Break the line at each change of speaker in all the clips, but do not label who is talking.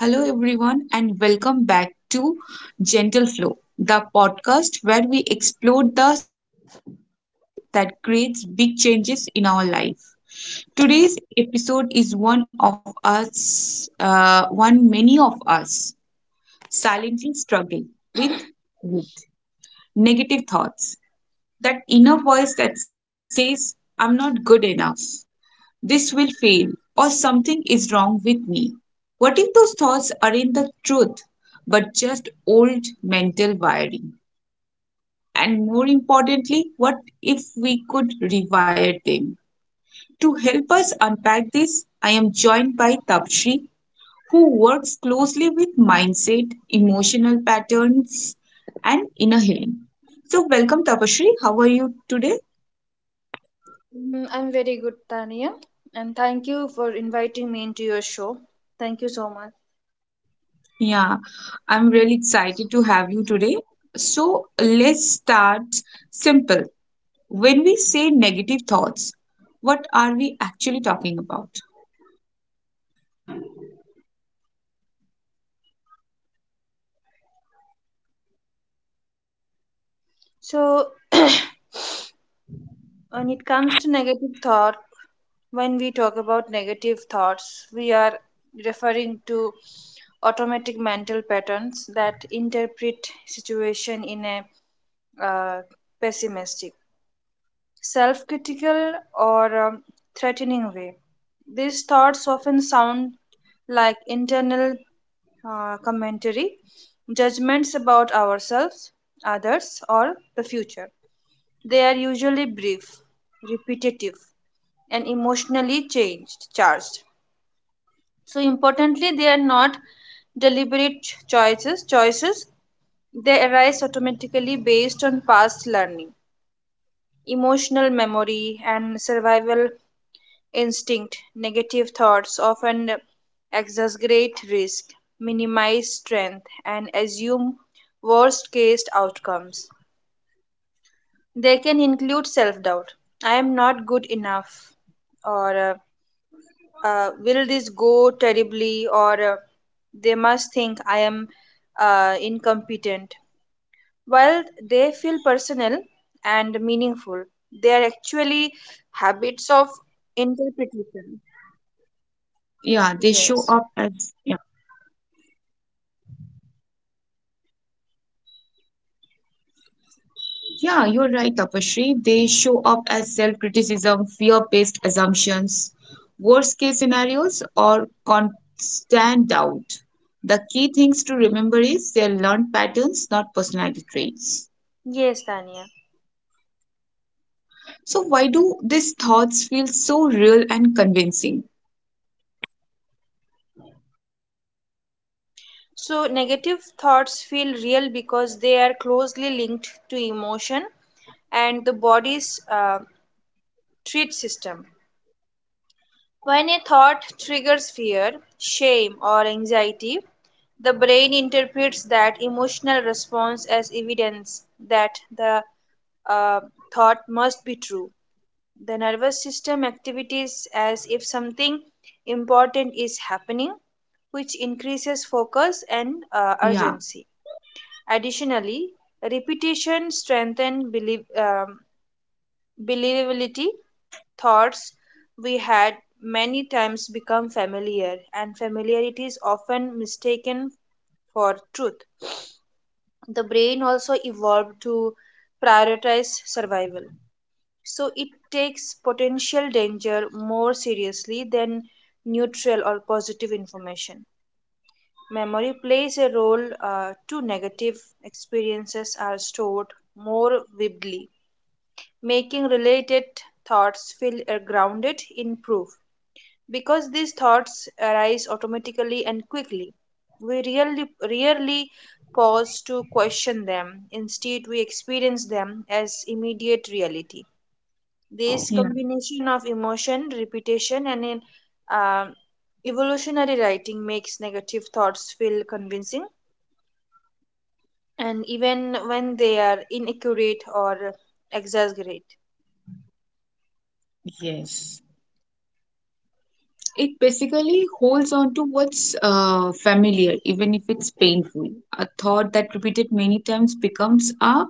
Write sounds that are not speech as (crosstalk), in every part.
Hello, everyone, and welcome back to Gentle Flow, the podcast where we explore the small inner shift that creates big changes in our life. Today's episode is one many of us silently struggle with with negative thoughts, that inner voice that says, I'm not good enough, this will fail, or something is wrong with me. What if those thoughts aren't the truth, but just old mental wiring? And more importantly, what if we could rewire them? To help us unpack this, I am joined by Tapshri, who works closely with mindset, emotional patterns, and inner healing. So, welcome, Tapashri. How are you today?
I'm very good, Tania, and thank you for inviting me into your show. Thank you so much.
Yeah, I'm really excited to have you today. So let's start simple. When we say negative thoughts, what are we actually talking about?
So, (clears throat) when it comes to negative thought, when we talk about negative thoughts, we are referring to automatic mental patterns that interpret situation in a uh, pessimistic, self-critical, or threatening way. These thoughts often sound like internal commentary, judgments about ourselves,
Yeah,
others, or the future. They are usually brief, repetitive, and emotionally charged. So importantly, they are not deliberate choices. Choices they arise automatically based on past learning, emotional memory, and survival instinct, negative thoughts often exaggerate risk, minimize strength, and assume
yeah,
worst case outcomes. They can include self doubt I am not good enough, or will this go terribly, or they must think I am incompetent. While they feel personal and meaningful, they are actually habits of
yeah,
interpretation.
they show up as, yeah,
Yes.
yeah, you're right, Tapashri. They show up as self-criticism, fear-based assumptions, worst-case scenarios, or constant doubt. The key things to remember is they're learned patterns, not personality traits.
Yes, Tanya.
So why do these thoughts feel so real and convincing?
So, negative thoughts feel real because they are closely linked to emotion and the body's treat system. When a thought triggers fear, shame, or anxiety, the brain interprets that emotional response as evidence that the uh, thought must be true. The nervous system activities as if something important is happening, which
Yeah,
increases focus and urgency. Additionally, repetition strengthens believability. Thoughts we had many times become familiar, and familiarity is often mistaken for truth. The brain also evolved to prioritize survival, so it takes potential danger more seriously than neutral or positive information. Memory plays a role too, negative experiences are stored more vividly making related thoughts feel grounded in proof. Because these thoughts arise automatically and quickly, we rarely pause to question them. Instead, we experience them as immediate reality. This
yeah.
combination of emotion, repetition, and um evolutionary writing makes negative thoughts feel convincing, and even when they are inaccurate or exaggerate.
Yes. It basically holds on to what's familiar, even if it's painful. A thought that repeated many times becomes a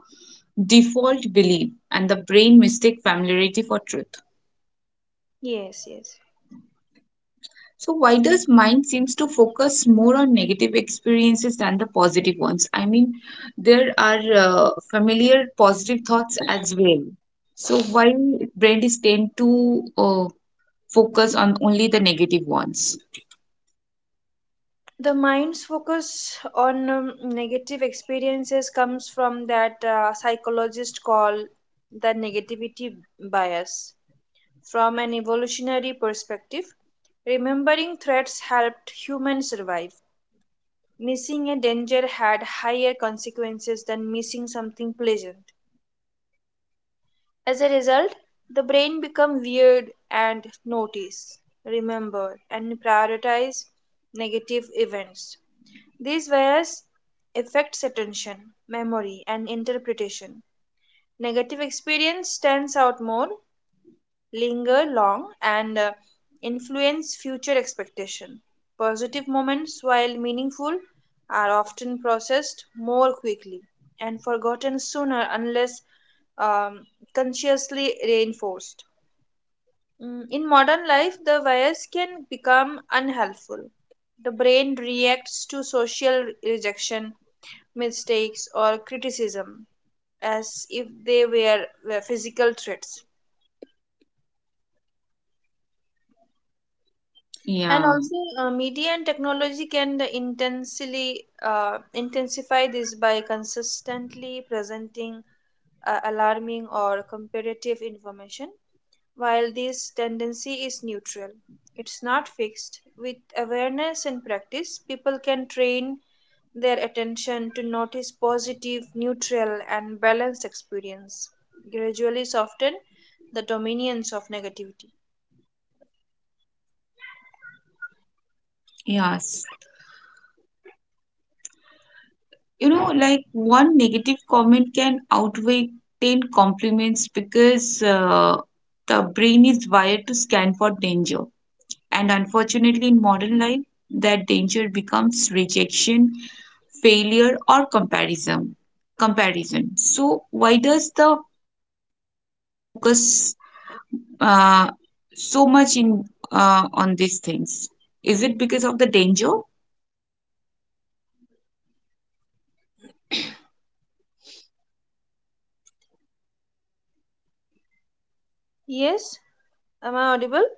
default belief, and the brain mistake familiarity for truth.
Yes, yes.
So why does mind seems to focus more on negative experiences than the positive ones? I mean, there are familiar positive thoughts as well. So why brain is tend to focus on only the negative ones?
The mind's focus on negative experiences comes from that psychologists call the negativity bias from an evolutionary perspective remembering threats helped humans survive missing a danger had higher consequences than missing something pleasant as a result the brain becomes weird and notice remember and prioritize negative events. These bias affects attention, memory, and interpretation. Negative experience stands out more, linger long, and influence future expectation. Positive moments, while meaningful, are often processed more quickly and forgotten sooner unless um, consciously reinforced. In modern life, the bias can become unhelpful. The brain reacts to social rejection, mistakes, or criticism as if they were physical threats. And
Yeah,
also, media and technology can intensely intensify this by consistently presenting alarming or comparative information. While this tendency is neutral, it's not fixed. With awareness and practice, people can train their attention to notice positive, neutral, and balanced experience, gradually soften the dominance of negativity.
yes. You know, like one negative comment can outweigh 10 compliments because the brain is wired to scan for danger. And unfortunately, in modern life, that danger becomes rejection, failure, or comparison. Comparison. So, why does the mind seem to focus uh, so much in on these things? Is it because of the danger?
Yes, am I audible?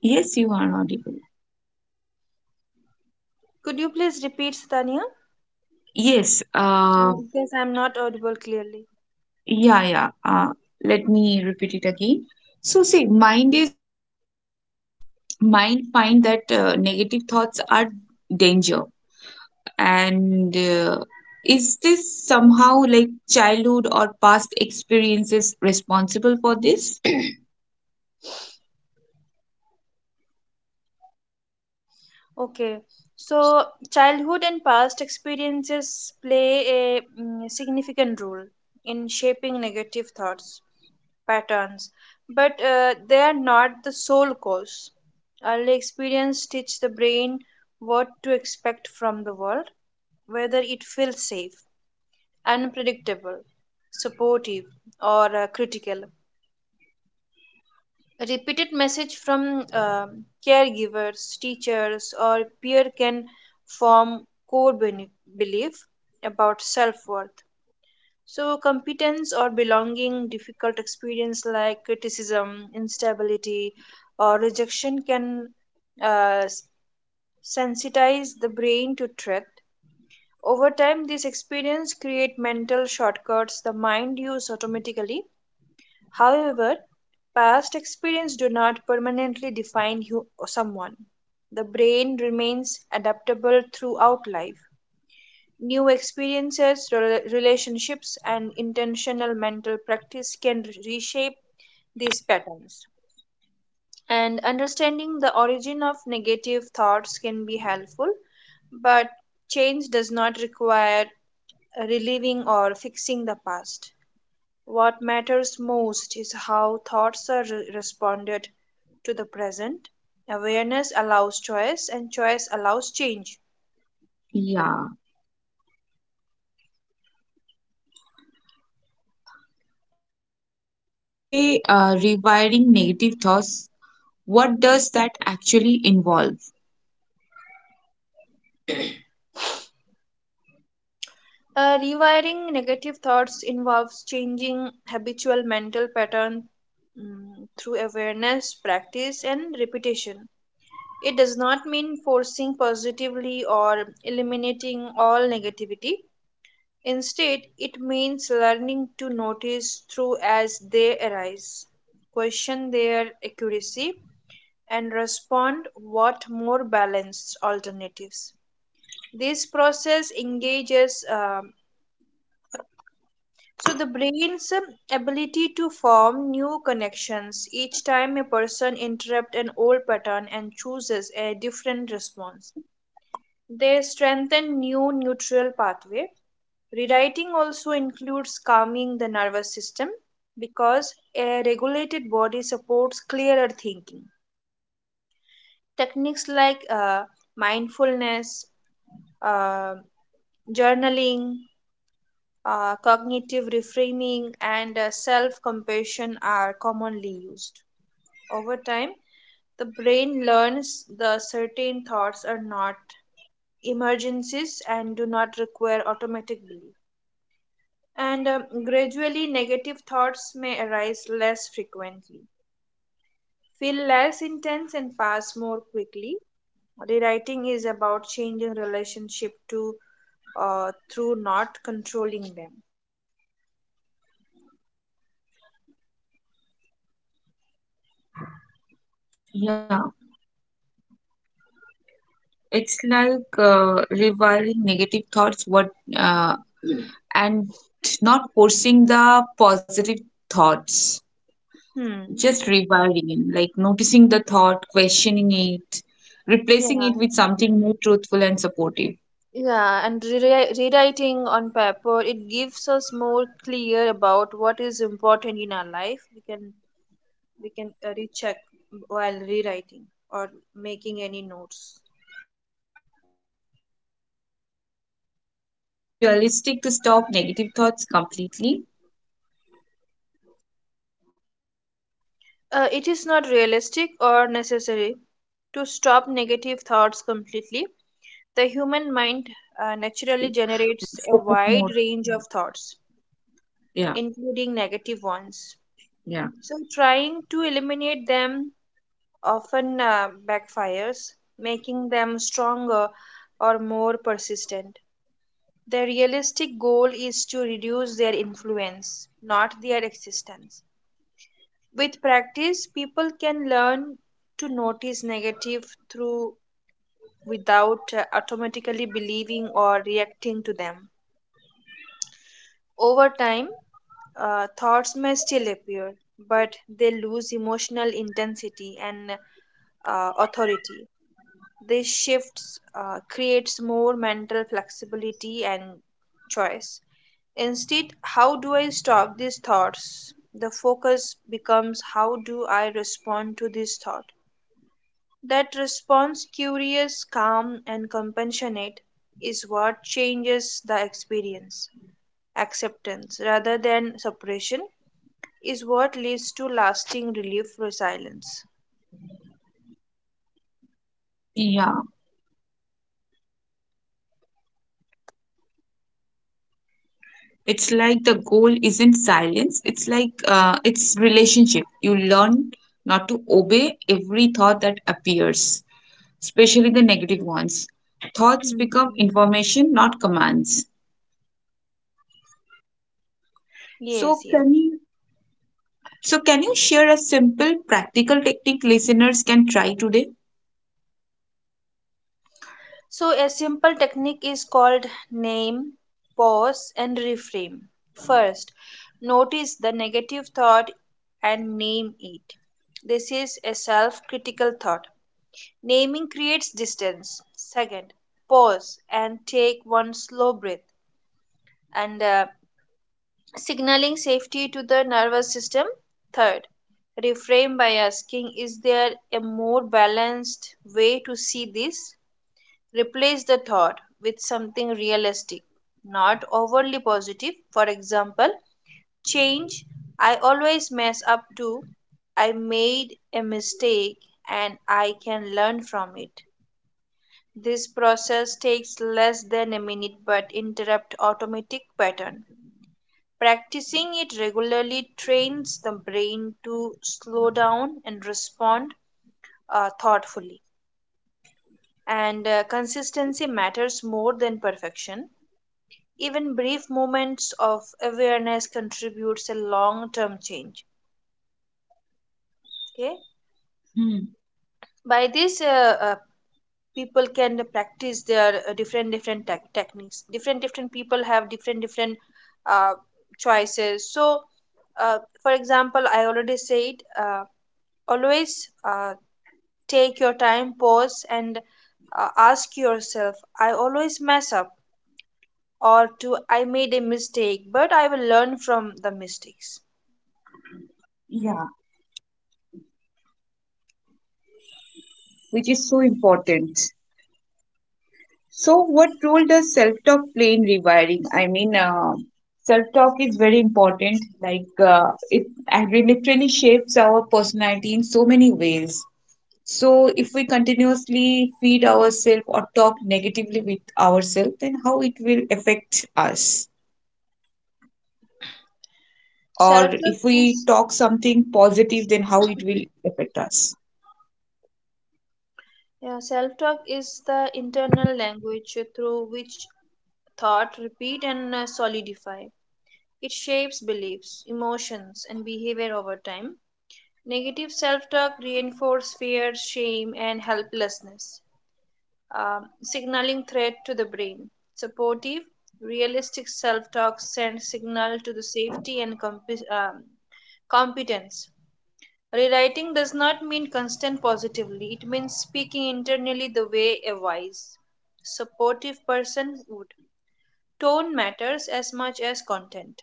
Yes, you are audible.
Could you please repeat, Tania?
Yes.
Because I'm not audible clearly.
Yeah, yeah. Uh, Let me repeat it again. So, see, mind find that negative thoughts are danger. And is this somehow like childhood or past experiences responsible for this?
Okay, so childhood and past experiences play a significant role in shaping negative thoughts patterns, but they are not the sole cause. Early experience teach the brain what to expect from the world, whether it feels safe, unpredictable, supportive, or critical. Repeated message from caregivers, teachers, or peer can form core belief about self-worth. So competence or belonging, difficult experience like criticism, instability, or rejection can uh, s- sensitize the brain to threat. Over time, this experience create mental shortcuts the mind use automatically. However, past experience do not permanently define you or someone. The brain remains adaptable throughout life. New experiences, relationships, and intentional mental practice can reshape these patterns. And understanding the origin of negative thoughts can be helpful, but change does not require relieving or fixing the past. What matters most is how thoughts are responded to the present. Awareness allows choice, and choice allows change.
Yeah. So when we say rewiring negative thoughts, what does that actually involve?
Rewiring negative thoughts involves changing habitual mental pattern through awareness, practice, and repetition. It does not mean forcing positively or eliminating all negativity. Instead, it means learning to notice through as they arise, question their accuracy, and respond what more balanced alternatives. This process engages the brain's ability to form new connections each time a person interrupts an old pattern and chooses a different response. They strengthen new neutral pathway. Rewriting also includes calming the nervous system because a regulated body supports clearer thinking. Techniques like mindfulness, uh, journaling, cognitive reframing, and self compassion are commonly used. Over time, the brain learns the certain thoughts are not emergencies and do not require automatic belief. And gradually negative thoughts may arise less frequently, feel less intense, and pass more quickly. Rewriting is about changing relationship to through not controlling them.
Yeah, it's like rewiring negative thoughts, what uh,
Mm.
and not forcing the positive thoughts.
Hmm.
Just rewiring, like noticing the thought, questioning it, replacing
Yeah,
it with something more truthful and supportive.
yeah, and rewriting on paper it gives us more clear about what is important in our life. We can recheck while rewriting or making any notes.
Yeah. So, is it realistic to stop negative thoughts completely?
It is not realistic or necessary to stop negative thoughts
I
completely.
mean,
The human
somehow
mind naturally
we tend
generates a
to
wide range of
focus more.
thoughts,
Yeah.
including
Yeah.
negative ones. So, trying to
Yeah.
eliminate them often backfires, making them stronger or more persistent. The realistic goal is to reduce their influence, not their existence. With practice, people can learn to notice negative through without automatically believing or reacting to them. Over time, thoughts may still appear, but they lose emotional intensity and authority. This shifts creates more mental flexibility and choice. Instead, how do I stop these thoughts? The focus becomes how do I respond to this thought? That response, curious, calm, and compassionate, is what changes the experience. Acceptance, rather than suppression, is what leads to lasting relief resilience.
Yeah. It's like the goal isn't silence. It's like it's relationship. You learn not to obey every thought that appears, especially the negative ones. Thoughts become
Mhm.
information, not commands. So
Yes,
can
yes.
you so can you share a simple practical technique listeners can try today?
So, a simple technique is called name, pause, and reframe. First, notice the negative thought and name it. This is a self critical thought. Naming creates distance. Second, pause and take one slow breath and signaling safety to the nervous system. Third, reframe by asking, is there a more balanced way to see this? Replace the thought with something realistic, not overly positive. For example, change, I always mess up too. I made a mistake and I can learn from it. This process takes less than a minute but interrupt automatic pattern. Practicing it regularly trains the brain to slow down and respond thoughtfully. And consistency matters more than perfection. Even brief moments of awareness contributes a long-term change. Okay,
Hmm.
by this people can practice their different different techniques different different people have different different uh, choices. So for example I already said always take your time pause and ask yourself I always mess up or to I made a mistake but I will learn from the mistakes.
Yeah, which is so important. So what role does self-talk play in rewiring? I mean, self-talk is very important. Like it literally shapes our personality in so many ways. So, if we continuously feed ourselves or talk negatively with ourselves, then how it will affect us? Or
Self love
if we
is.
talk something positive, then how it will affect us?
Yeah, self talk is the internal language through which thought repeat and solidify. It shapes beliefs, emotions, and behavior over time. Negative self talk reinforces fear, shame, and helplessness, signaling threat to the brain. Supportive, realistic self talk sends signal to the safety and competence. Rewriting does not mean constant positively, it means speaking internally the way a wise, supportive person would. Tone matters as much as content.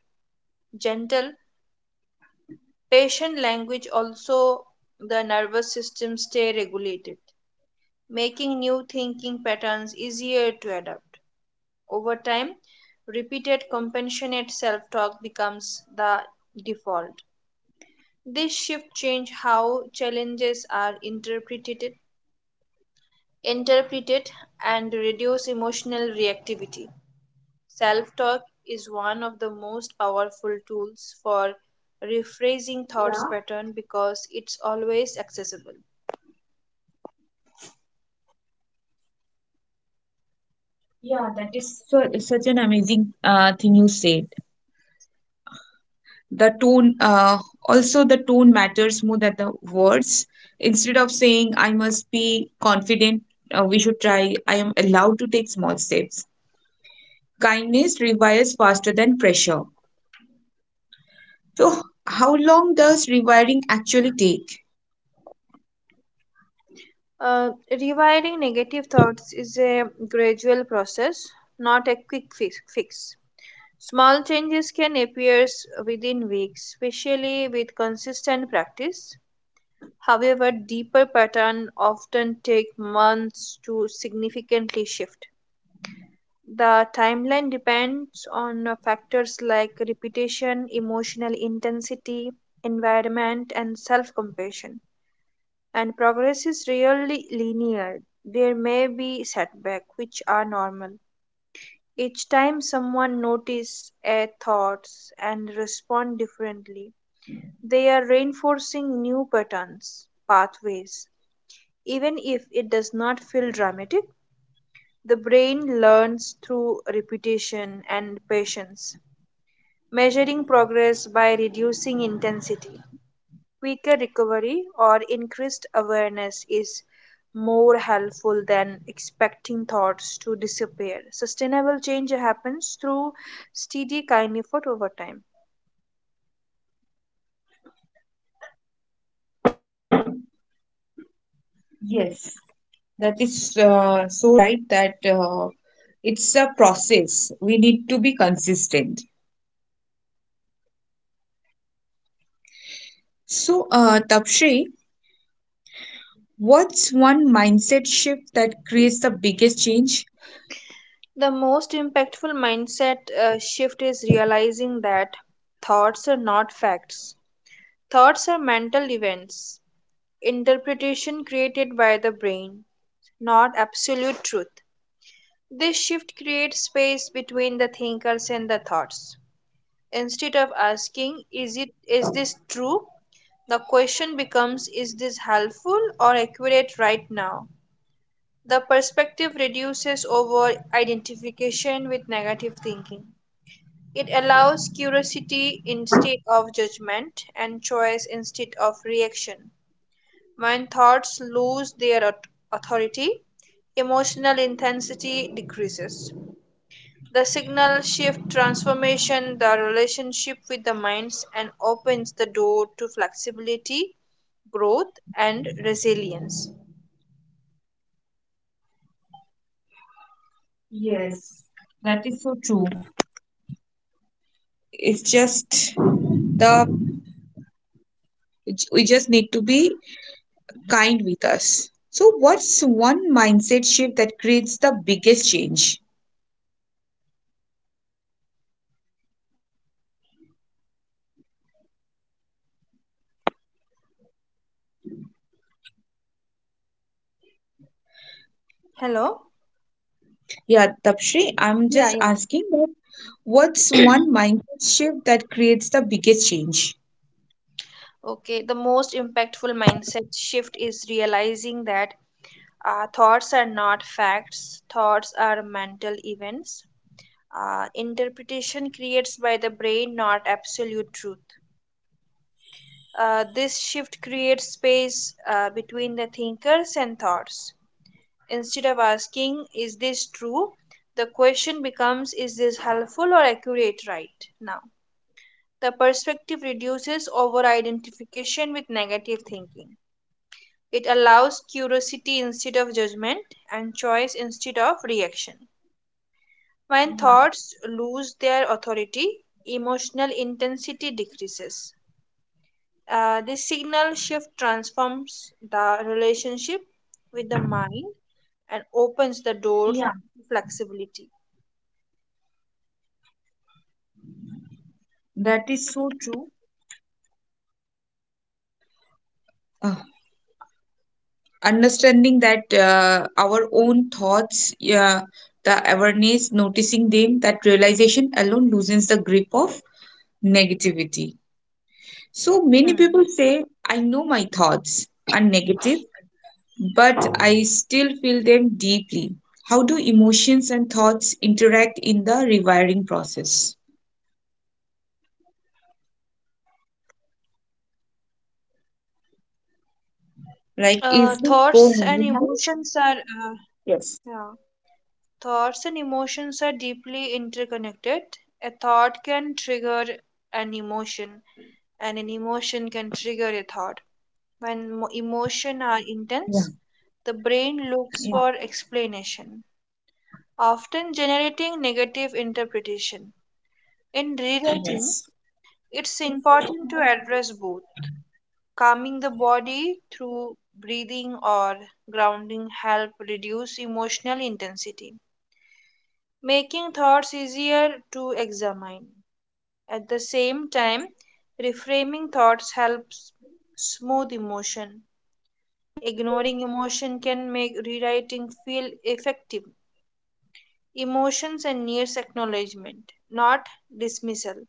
Gentle, patient language also the nervous system stay regulated, making new thinking patterns easier to adapt. Over time, repeated compassionate self-talk becomes the default. This shift changes how challenges are interpret it, and reduce emotional reactivity. Self talk is one of the most powerful tools for
Yeah,
rephrasing thoughts pattern because it's always accessible.
yeah, that is such an amazing thing you said. The tone, uh, Also the tone matters more than the words. Instead of saying I must be confident, we should try I am allowed to take small steps. Kindness revives faster than pressure. So, how long does rewiring actually take?
Rewiring negative thoughts is a gradual process, not a quick fix. Small changes can appear within weeks, especially with consistent practice. However, deeper patterns often take months to significantly shift. The timeline depends on factors like repetition, emotional intensity, environment, and self compassion. And progress is rarely linear. There may be setbacks, which are normal. Each time someone notices a thoughts and respond differently, they are reinforcing new patterns, pathways. Even if it does not feel dramatic, the brain learns through repetition and patience. Measuring progress by reducing intensity. Quicker recovery or increased awareness is more helpful than expecting thoughts to disappear. Sustainable change happens through steady kind effort over time.
Yes, that is so right that it's a process. We need to be consistent. So, Tapshree, what's one mindset shift that creates the biggest change?
The most impactful mindset shift is realizing that thoughts are not facts. Thoughts are mental events, interpretation created by the brain, not absolute truth. This shift creates space between the thinkers and the thoughts. Instead of asking, is this true? The question becomes, is this helpful or accurate right now? The perspective reduces over identification with negative thinking. It allows curiosity instead of judgment and choice instead of reaction. When thoughts lose their authority, emotional intensity decreases. The signal shift transformation the relationship with the minds and opens the door to flexibility, growth, and resilience.
Yes, that is so true. It's just the We just need to be kind with us. So, what's one mindset shift that creates the biggest change?
Hello?
Yeah, Tapshri, I'm just
Yeah,
asking
yeah.
that what's one mindset shift that creates the biggest change?
Okay, the most impactful mindset shift is realizing that thoughts are not facts, thoughts are mental events. Interpretation creates by the brain, not absolute truth. This shift creates space between the thinkers and thoughts. Instead of asking, is this true? The question becomes, is this helpful or accurate right now? The perspective reduces over identification with negative thinking. It allows curiosity instead of judgment and choice instead of reaction. When thoughts lose their authority, emotional intensity decreases. This signal shift transforms the relationship with the mind and opens the door to
Yeah,
flexibility.
that is so true. Uh, Understanding that our own thoughts, yeah, the awareness, noticing them, that realization alone loosens the grip of negativity. So many
Hmm.
people say, I know my thoughts are negative, but I still feel them deeply. How do emotions and thoughts interact in the rewiring process? Like, is it
Thoughts
go
and
hand in hand?
emotions are
Yes.
yeah. Thoughts and emotions are deeply interconnected. A thought can trigger an emotion, and an emotion can trigger a thought. When
Yeah.
emotion are intense, the
Yeah.
brain looks for explanation, often generating negative interpretation. In
Yes.
rewriting, it's important to address both. Calming the body through breathing or grounding help reduce emotional intensity, making thoughts easier to examine. At the same time,
Yes.
reframing thoughts helps smooth emotion. Ignoring emotion can make rewriting feel effective. Emotions and needs acknowledgement, not dismissal.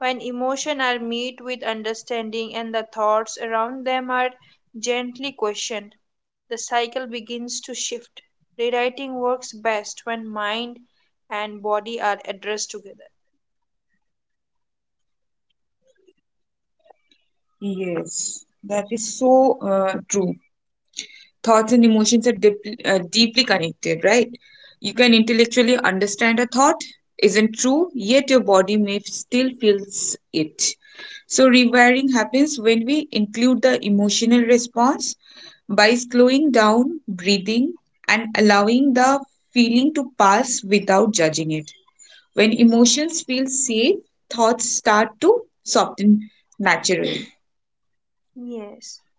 When emotion are met with understanding and the thoughts around them are gently questioned, the cycle begins to shift. Rewriting works best when mind and body are addressed together.
Yes. That is so true. Thoughts and emotions are deeply connected, right? You can intellectually understand a thought isn't true, yet your body may still feels it. So rewiring happens when we include the emotional response by slowing down, breathing, and allowing the feeling to pass without judging it. When emotions feel safe, thoughts start to soften naturally.
Yes.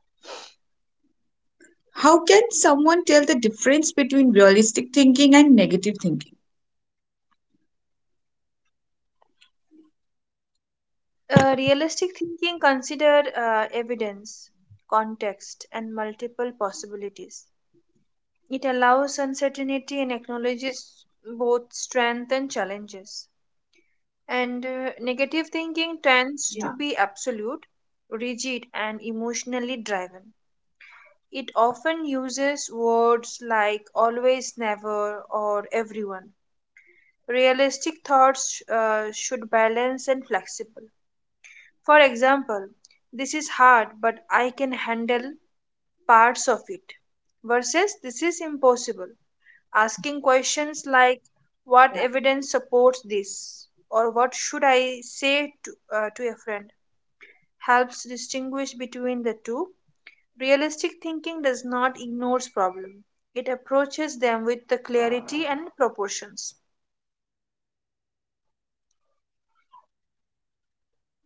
How can someone tell the difference between realistic thinking and negative thinking?
Realistic thinking consider evidence, context, and multiple possibilities. It allows uncertainty and acknowledges both strength and challenges. And negative thinking tends to be absolute, rigid, and emotionally driven. It often uses words like always, never, or everyone. Realistic thoughts should balance and flexible. For example, this is hard, but I can handle parts of it. Versus this is impossible. Asking questions like
Yeah,
what evidence supports this, or what should I say to a friend helps distinguish between the two. Realistic thinking does not ignores problems; it approaches them with the clarity and proportions.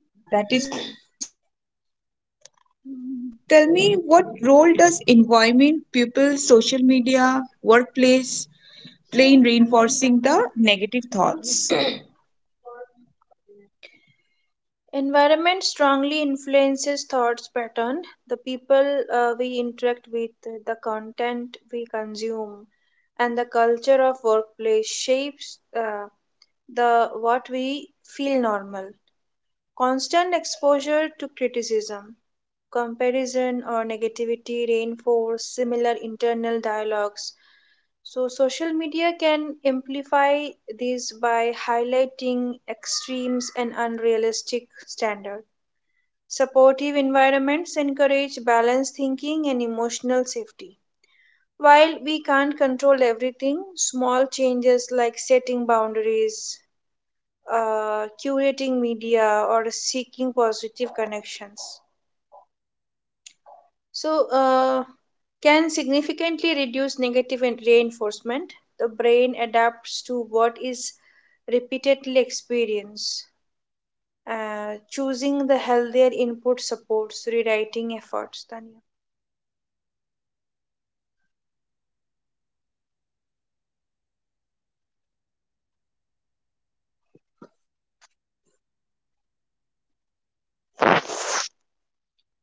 yeah that is so true. Tapsri. So, tell me what role does environment, people, social media, workplace play in reinforcing the negative thoughts?
Environment strongly influences thoughts pattern, the people we interact with, the content we consume, and the culture of workplace shapes the what we feel normal. Constant exposure to criticism, comparison or negativity reinforce similar internal dialogues. So, social media can amplify these by highlighting extremes and unrealistic standards. Supportive environments encourage balanced thinking and emotional safety. While we can't control everything, small changes like setting boundaries, curating media, or seeking positive connections So, uh, can significantly reduce negative reinforcement. The brain adapts to what is repeatedly experienced. Choosing the healthier input supports rewriting efforts. Tanya,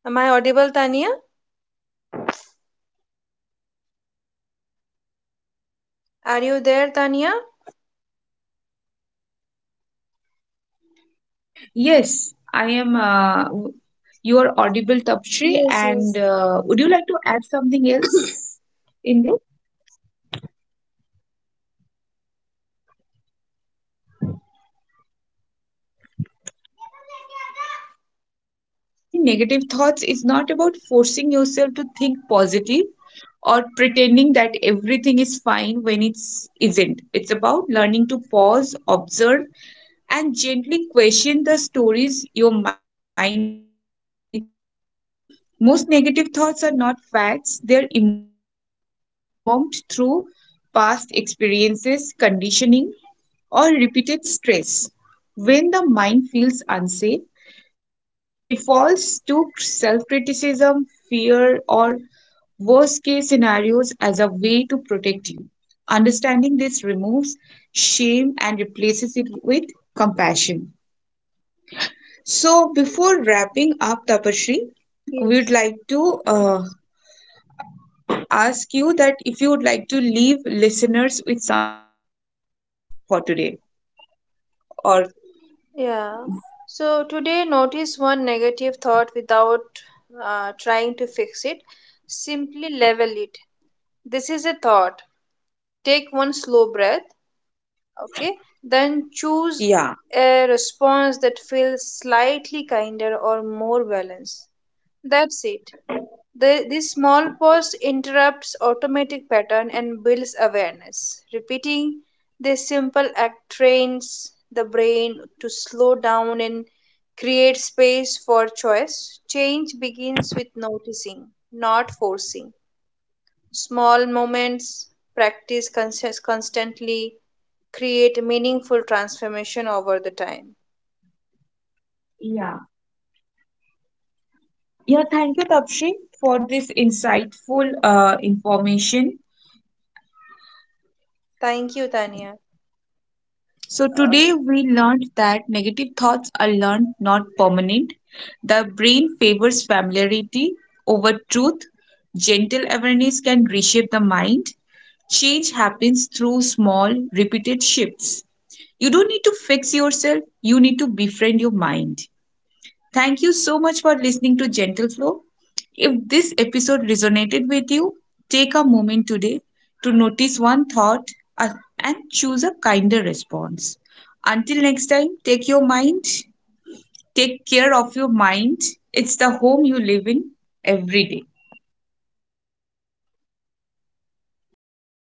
am I audible? Tanya, are you there? Tanya?
Yes, I am. You are audible,
Yes,
Tapshri,
yes,
and would you like to add something else in this? And yeah, rewiring negative thoughts is not about forcing yourself to think positive or pretending that everything is fine when it's isn't. It's about learning to pause, observe, and gently question the stories your mind repeats on autopilot. Most negative thoughts are not facts, they're emotional habits formed through past experiences, conditioning, or repeated stress. When the mind feels unsafe, it defaults to self criticism, fear, or worst case scenarios as a way to protect you. Understanding this removes shame and replaces it with compassion. So, before wrapping up, Tapashri, we
yes.
would like to ask you that if you would like to leave listeners with something practical for today, or
Yeah. So today, notice one negative thought without trying to fix it. Simply level it. This is a thought. Take one slow breath.
yeah.
Okay, then choose a response that feels slightly kinder or more balanced. That's it. This small pause interrupts automatic pattern and builds awareness repeating this simple act trains the brain to slow down and create space for choice change begins with noticing not forcing. Small moments, practice constantly, create meaningful transformation over the time.
Yeah, thank you, Tapshi, for this insightful information.
Thank you, Tanya.
So,
Uh,
today we learned that negative thoughts are learned, not permanent. The brain favors familiarity over truth. Gentle awareness can reshape the mind. Change happens through small, repeated shifts. You don't need to fix yourself, you need to befriend your mind. Thank you so much for listening to Gentle Flow. If this episode resonated with you, take a moment today to notice one thought uh, and choose a kinder response. Until next time, take your mind, take care of your mind. It's the home you live in every day.
Thank you. Thank